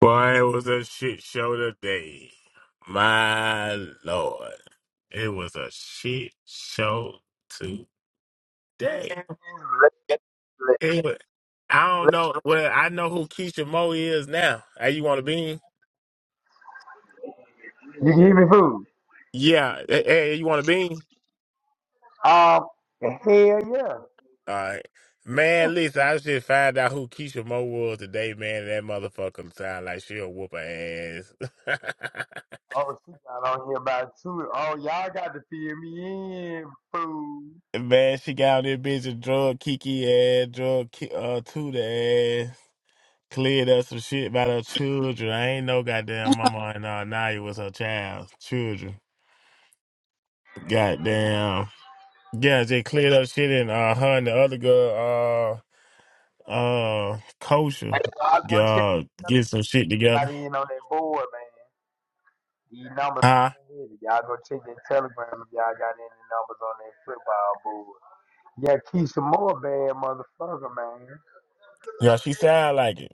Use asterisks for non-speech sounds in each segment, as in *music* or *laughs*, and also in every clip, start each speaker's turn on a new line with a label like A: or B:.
A: Boy, it was a shit show today. My lord. It was a shit show
B: It's
A: today. It was, I don't
B: lifeless.
A: know. Well, I know who Keisha Moe is now. Hey, you want a bean?
B: You can give me food.
A: Yeah. Hey, hey, you want a bean?
B: Um, hell yeah.
A: All right. Man,
B: Oh,
A: listen, I just found out who Keisha Moe was today, man. That motherfucker sound like she'll whoop her ass.
B: oh, she got on here about two. Oh, y'all got to fill me in, food.
A: *laughs* man, she got on there bitch and drug Kiki ass, drug Ki- uh, Tuda ass. cleared up some shit about her children. I ain't no goddamn mama and uh, Naya was her child, children. Goddamn. Yeah, they cleared up shit and uh, her and the other girl, uh, uh, kosher,
B: Hey, Y'all go check.
A: uh, get some shit together.
B: Got in on that board, man. These numbers.
A: Huh?
B: ain't here. Y'all go check that telegram if y'all got any numbers on that football board. Yeah, Keisha Moore, bad motherfucker, man.
A: Yeah, she sound like it.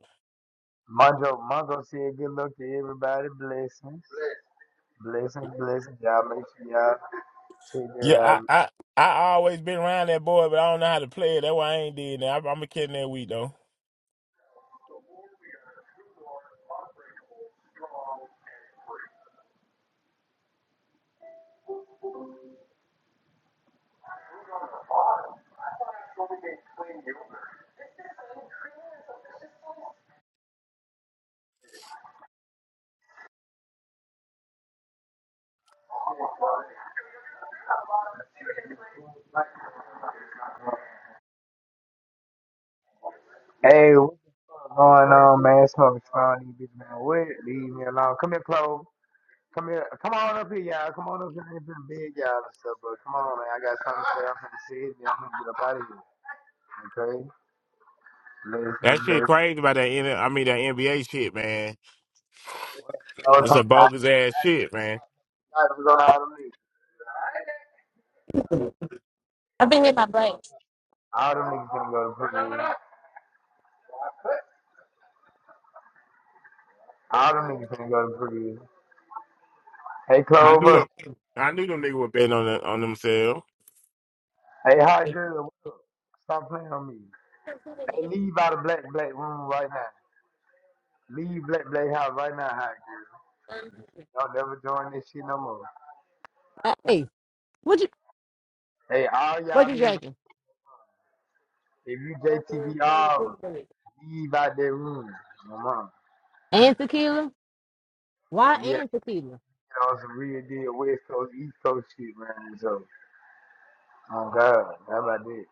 B: Mongo, Mongo said good luck to everybody. Blessings. Blessings, blessings. Y'all make sure y'all check that out.
A: Yeah, I, I, I always been around that boy, but I don't know how to play it. That's why I ain't did that. I'm gonna kill that week though.
B: Hey, what the fuck going on, man? Smoking strong, these bitch, man. What? Leave me alone. Come here, Chloe. Come here. Come on up here, y'all. Come on up here. I ain't finna beg y'all and stuff, bro. Come on, man. I got something to say. I'm finna say it, then I'm finna get up out of here. Okay? Ladies and
A: That shit
B: gentlemen.
A: crazy about that. N- I mean that NBA shit, man.
B: I was
A: It's a
B: talking about
A: bogus ass shit, man.
B: I was going to all them niggas.
C: I've been hit by bike.
B: All them niggas finna go to prison. All them niggas finna go to prison. Hey,
A: I
B: Chloe.
A: knew
B: what's-
A: them. I knew them niggas were betting on the, on themselves.
B: Hey, hi, girl. Stop playing on me. Hey, leave out of black, black room right now. Leave Black Blade House right now, hot
C: Uh,
B: girl. Don't never join this shit no more.
C: Hey, what you
B: Hey, all
C: what you
B: y'all leave.
C: drinking?
B: If you JTV all leave out that room, my mom.
C: And tequila? Why
B: Yeah,
C: and tequila?
B: get on some real deal West Coast, East Coast shit, man. So, oh God, how about that?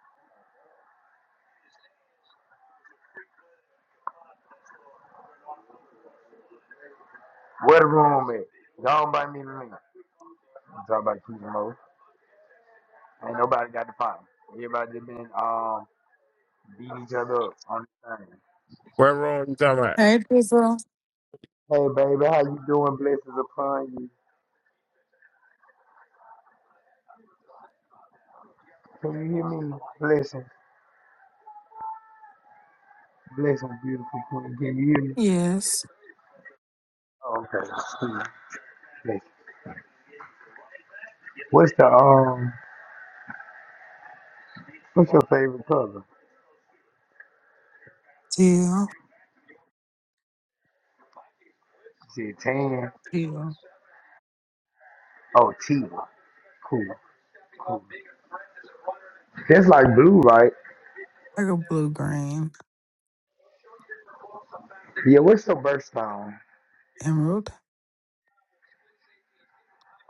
B: Where the room at? Don't buy me the link. I'm talking about keeping mo. Ain't nobody got the problem. Everybody just been um beating each other up on the thing.
A: What room you talking about?
D: Hey, Drizzle.
B: Hey baby, how you doing? Blessings upon you. Can you hear me? Blessings. Blessing, beautiful queen. Can you hear me?
D: Yes,
B: Oh, okay. Hmm. Bless. What's the um? What's your favorite color?
D: teal,
B: She said tan.
D: teal.
B: Oh, teal. Cool. Cool. That's like blue, right?
D: I go blue, green,
B: Yeah. What's your birthstone?
D: emerald,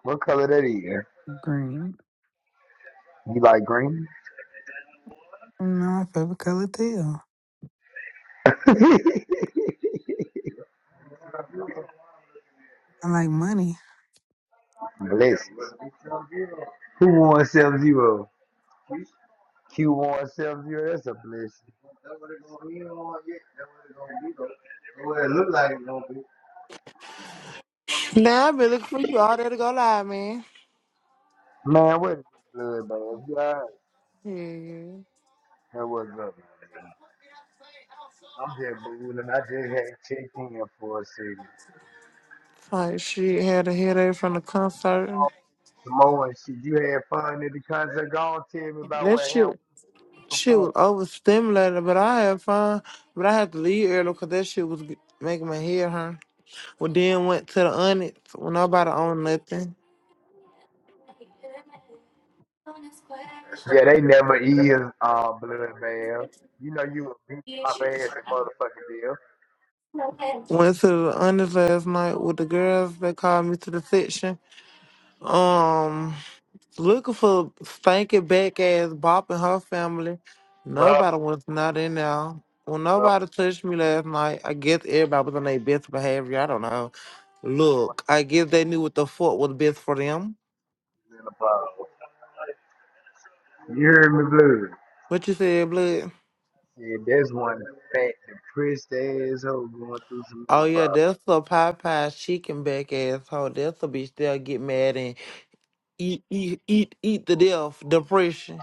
B: What color that is? You
D: green.
B: like green?
D: You know, my favorite color, teal.
B: *laughs* Blessings.
D: I like money.
B: Who won seven zero? Q won seven zero. That's a blessing. Look like it, don't it?
E: Now I've been looking for you all day to go live, man.
B: Man, what is blood, man? You alright?
E: Yeah.
B: That was up, man. I'm just ballooning. I just had checked in for a second.
E: Like shit had a headache from the concert.
B: Oh, Samoan shit. You had fun at the concert. Go on, tell me about
E: That
B: what happened
E: shit
B: with the
E: shit was
B: phone.
E: overstimulated, but I had fun. But I had to leave early because that shit was g- making my head hurt. Well then went to the Onyx when nobody owned nothing.
B: Yeah, they never is uh, blood, man. You know you a beat pop ass and motherfucking deal.
E: Went to the Onyx last night with the girls. They called me to the section. Um Looking for stinking back ass Bop and her family.
B: Well,
E: Nobody was not in there. Well,
B: uh,
E: nobody touched me last night. I guess everybody was on their best behavior. I don't know.
B: what's
E: Look, I guess they knew what the fuck was best for them.
B: in the bottle. You hear me, blue?
E: What you said, blood?
B: Yeah, that's one fat, depressed asshole going through some
E: Oh yeah,
B: menopause.
E: that's a Popeye's chicken back asshole. That's a bitch that'll get mad and eat, eat, eat, eat the death, depression.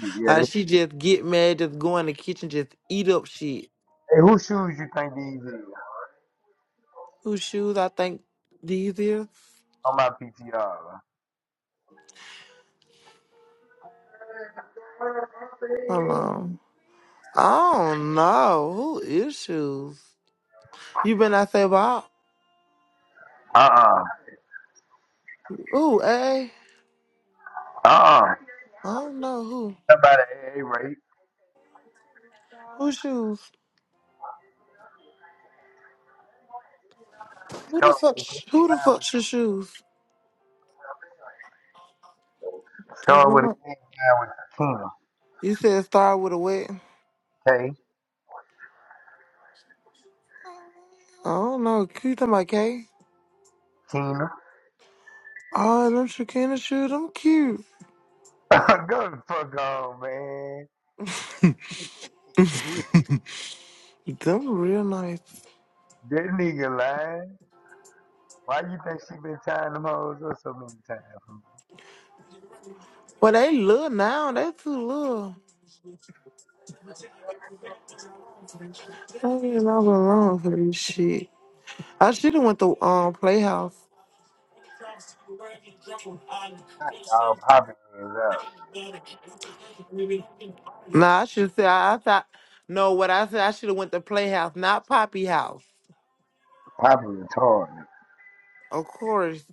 B: Shit, Yeah, they,
E: Like she just get mad, just go in the kitchen, just eat up shit.
B: hey, whose shoes you think these is?
E: Whose shoes I think these is?
B: On my PTR.
E: Hold on. Oh no, who issues? You been out there about
B: Uh-uh.
E: who? A? I
B: Uh-uh.
E: don't know who.
B: Somebody, hey, right?
E: Who shoes? Who the
B: Start
E: fuck?
B: with a king and
E: Who the
B: rhyme
E: fuck's your shoes?
B: with
E: 'Cause
B: start
E: I'm
B: with a
E: not-
B: king and rhyme
E: You said start with a wet.
B: with Keena. Hey,
E: I don't know. Cute them, okay?
B: Keena.
E: Oh, them Shakina shoes, them cute.
B: *laughs* Go the fuck on, man. *laughs*
E: Them real nice.
B: That nigga lying. Why you think she been tying them hoes up so many times?
E: Well, they little now. They too little. I don't even know what's wrong for this shit. I should have went to um Playhouse.
B: Y'all popping is up.
E: Nah, I should say I, I thought. No, what I said I should have went to Playhouse, not Poppy House.
B: Popping retarded.
E: Of course.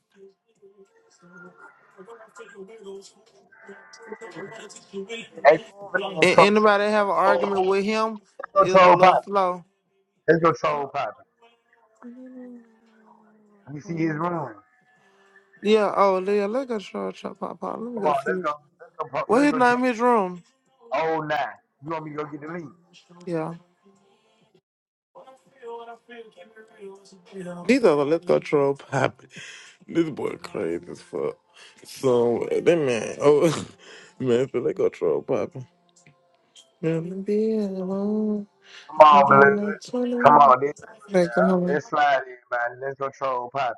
B: Hey, go over there and
E: And
B: troll.
E: anybody have an
B: troll
E: argument with him
B: Let's
E: is
B: go
E: a
B: troll Poppy.
E: little slow.
B: Let's go troll Poppy. You see his room.
E: Yeah. Oh, Leah, let's go troll Trump Pop Pop. Let me
B: Come
E: go
B: on, let's
E: see.
B: go. Let's go. pop-
E: What
B: Let's
E: his
B: go. Troll.
E: name? His room.
B: Oh, nine. You want me to go get the link?
E: Yeah. These are the let's go troll Pop. This boy crazy as fuck. So that man. Oh, *laughs* man, so let's go troll Pop. Yeah, be alone.
B: Come
E: I'm
B: on,
E: feeling
B: blood.
E: like
B: Come on, dude.
E: 21.
B: Let's slide in, man. Let's go troll Poppy.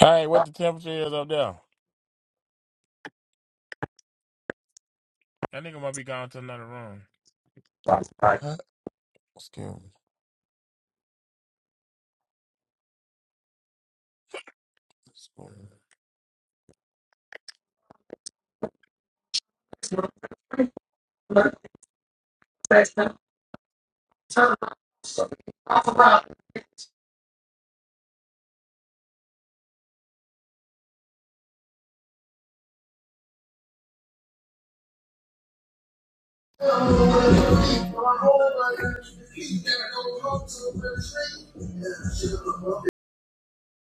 A: All right, what the temperature is up there? That nigga might be gone to another room. Huh? Excuse me.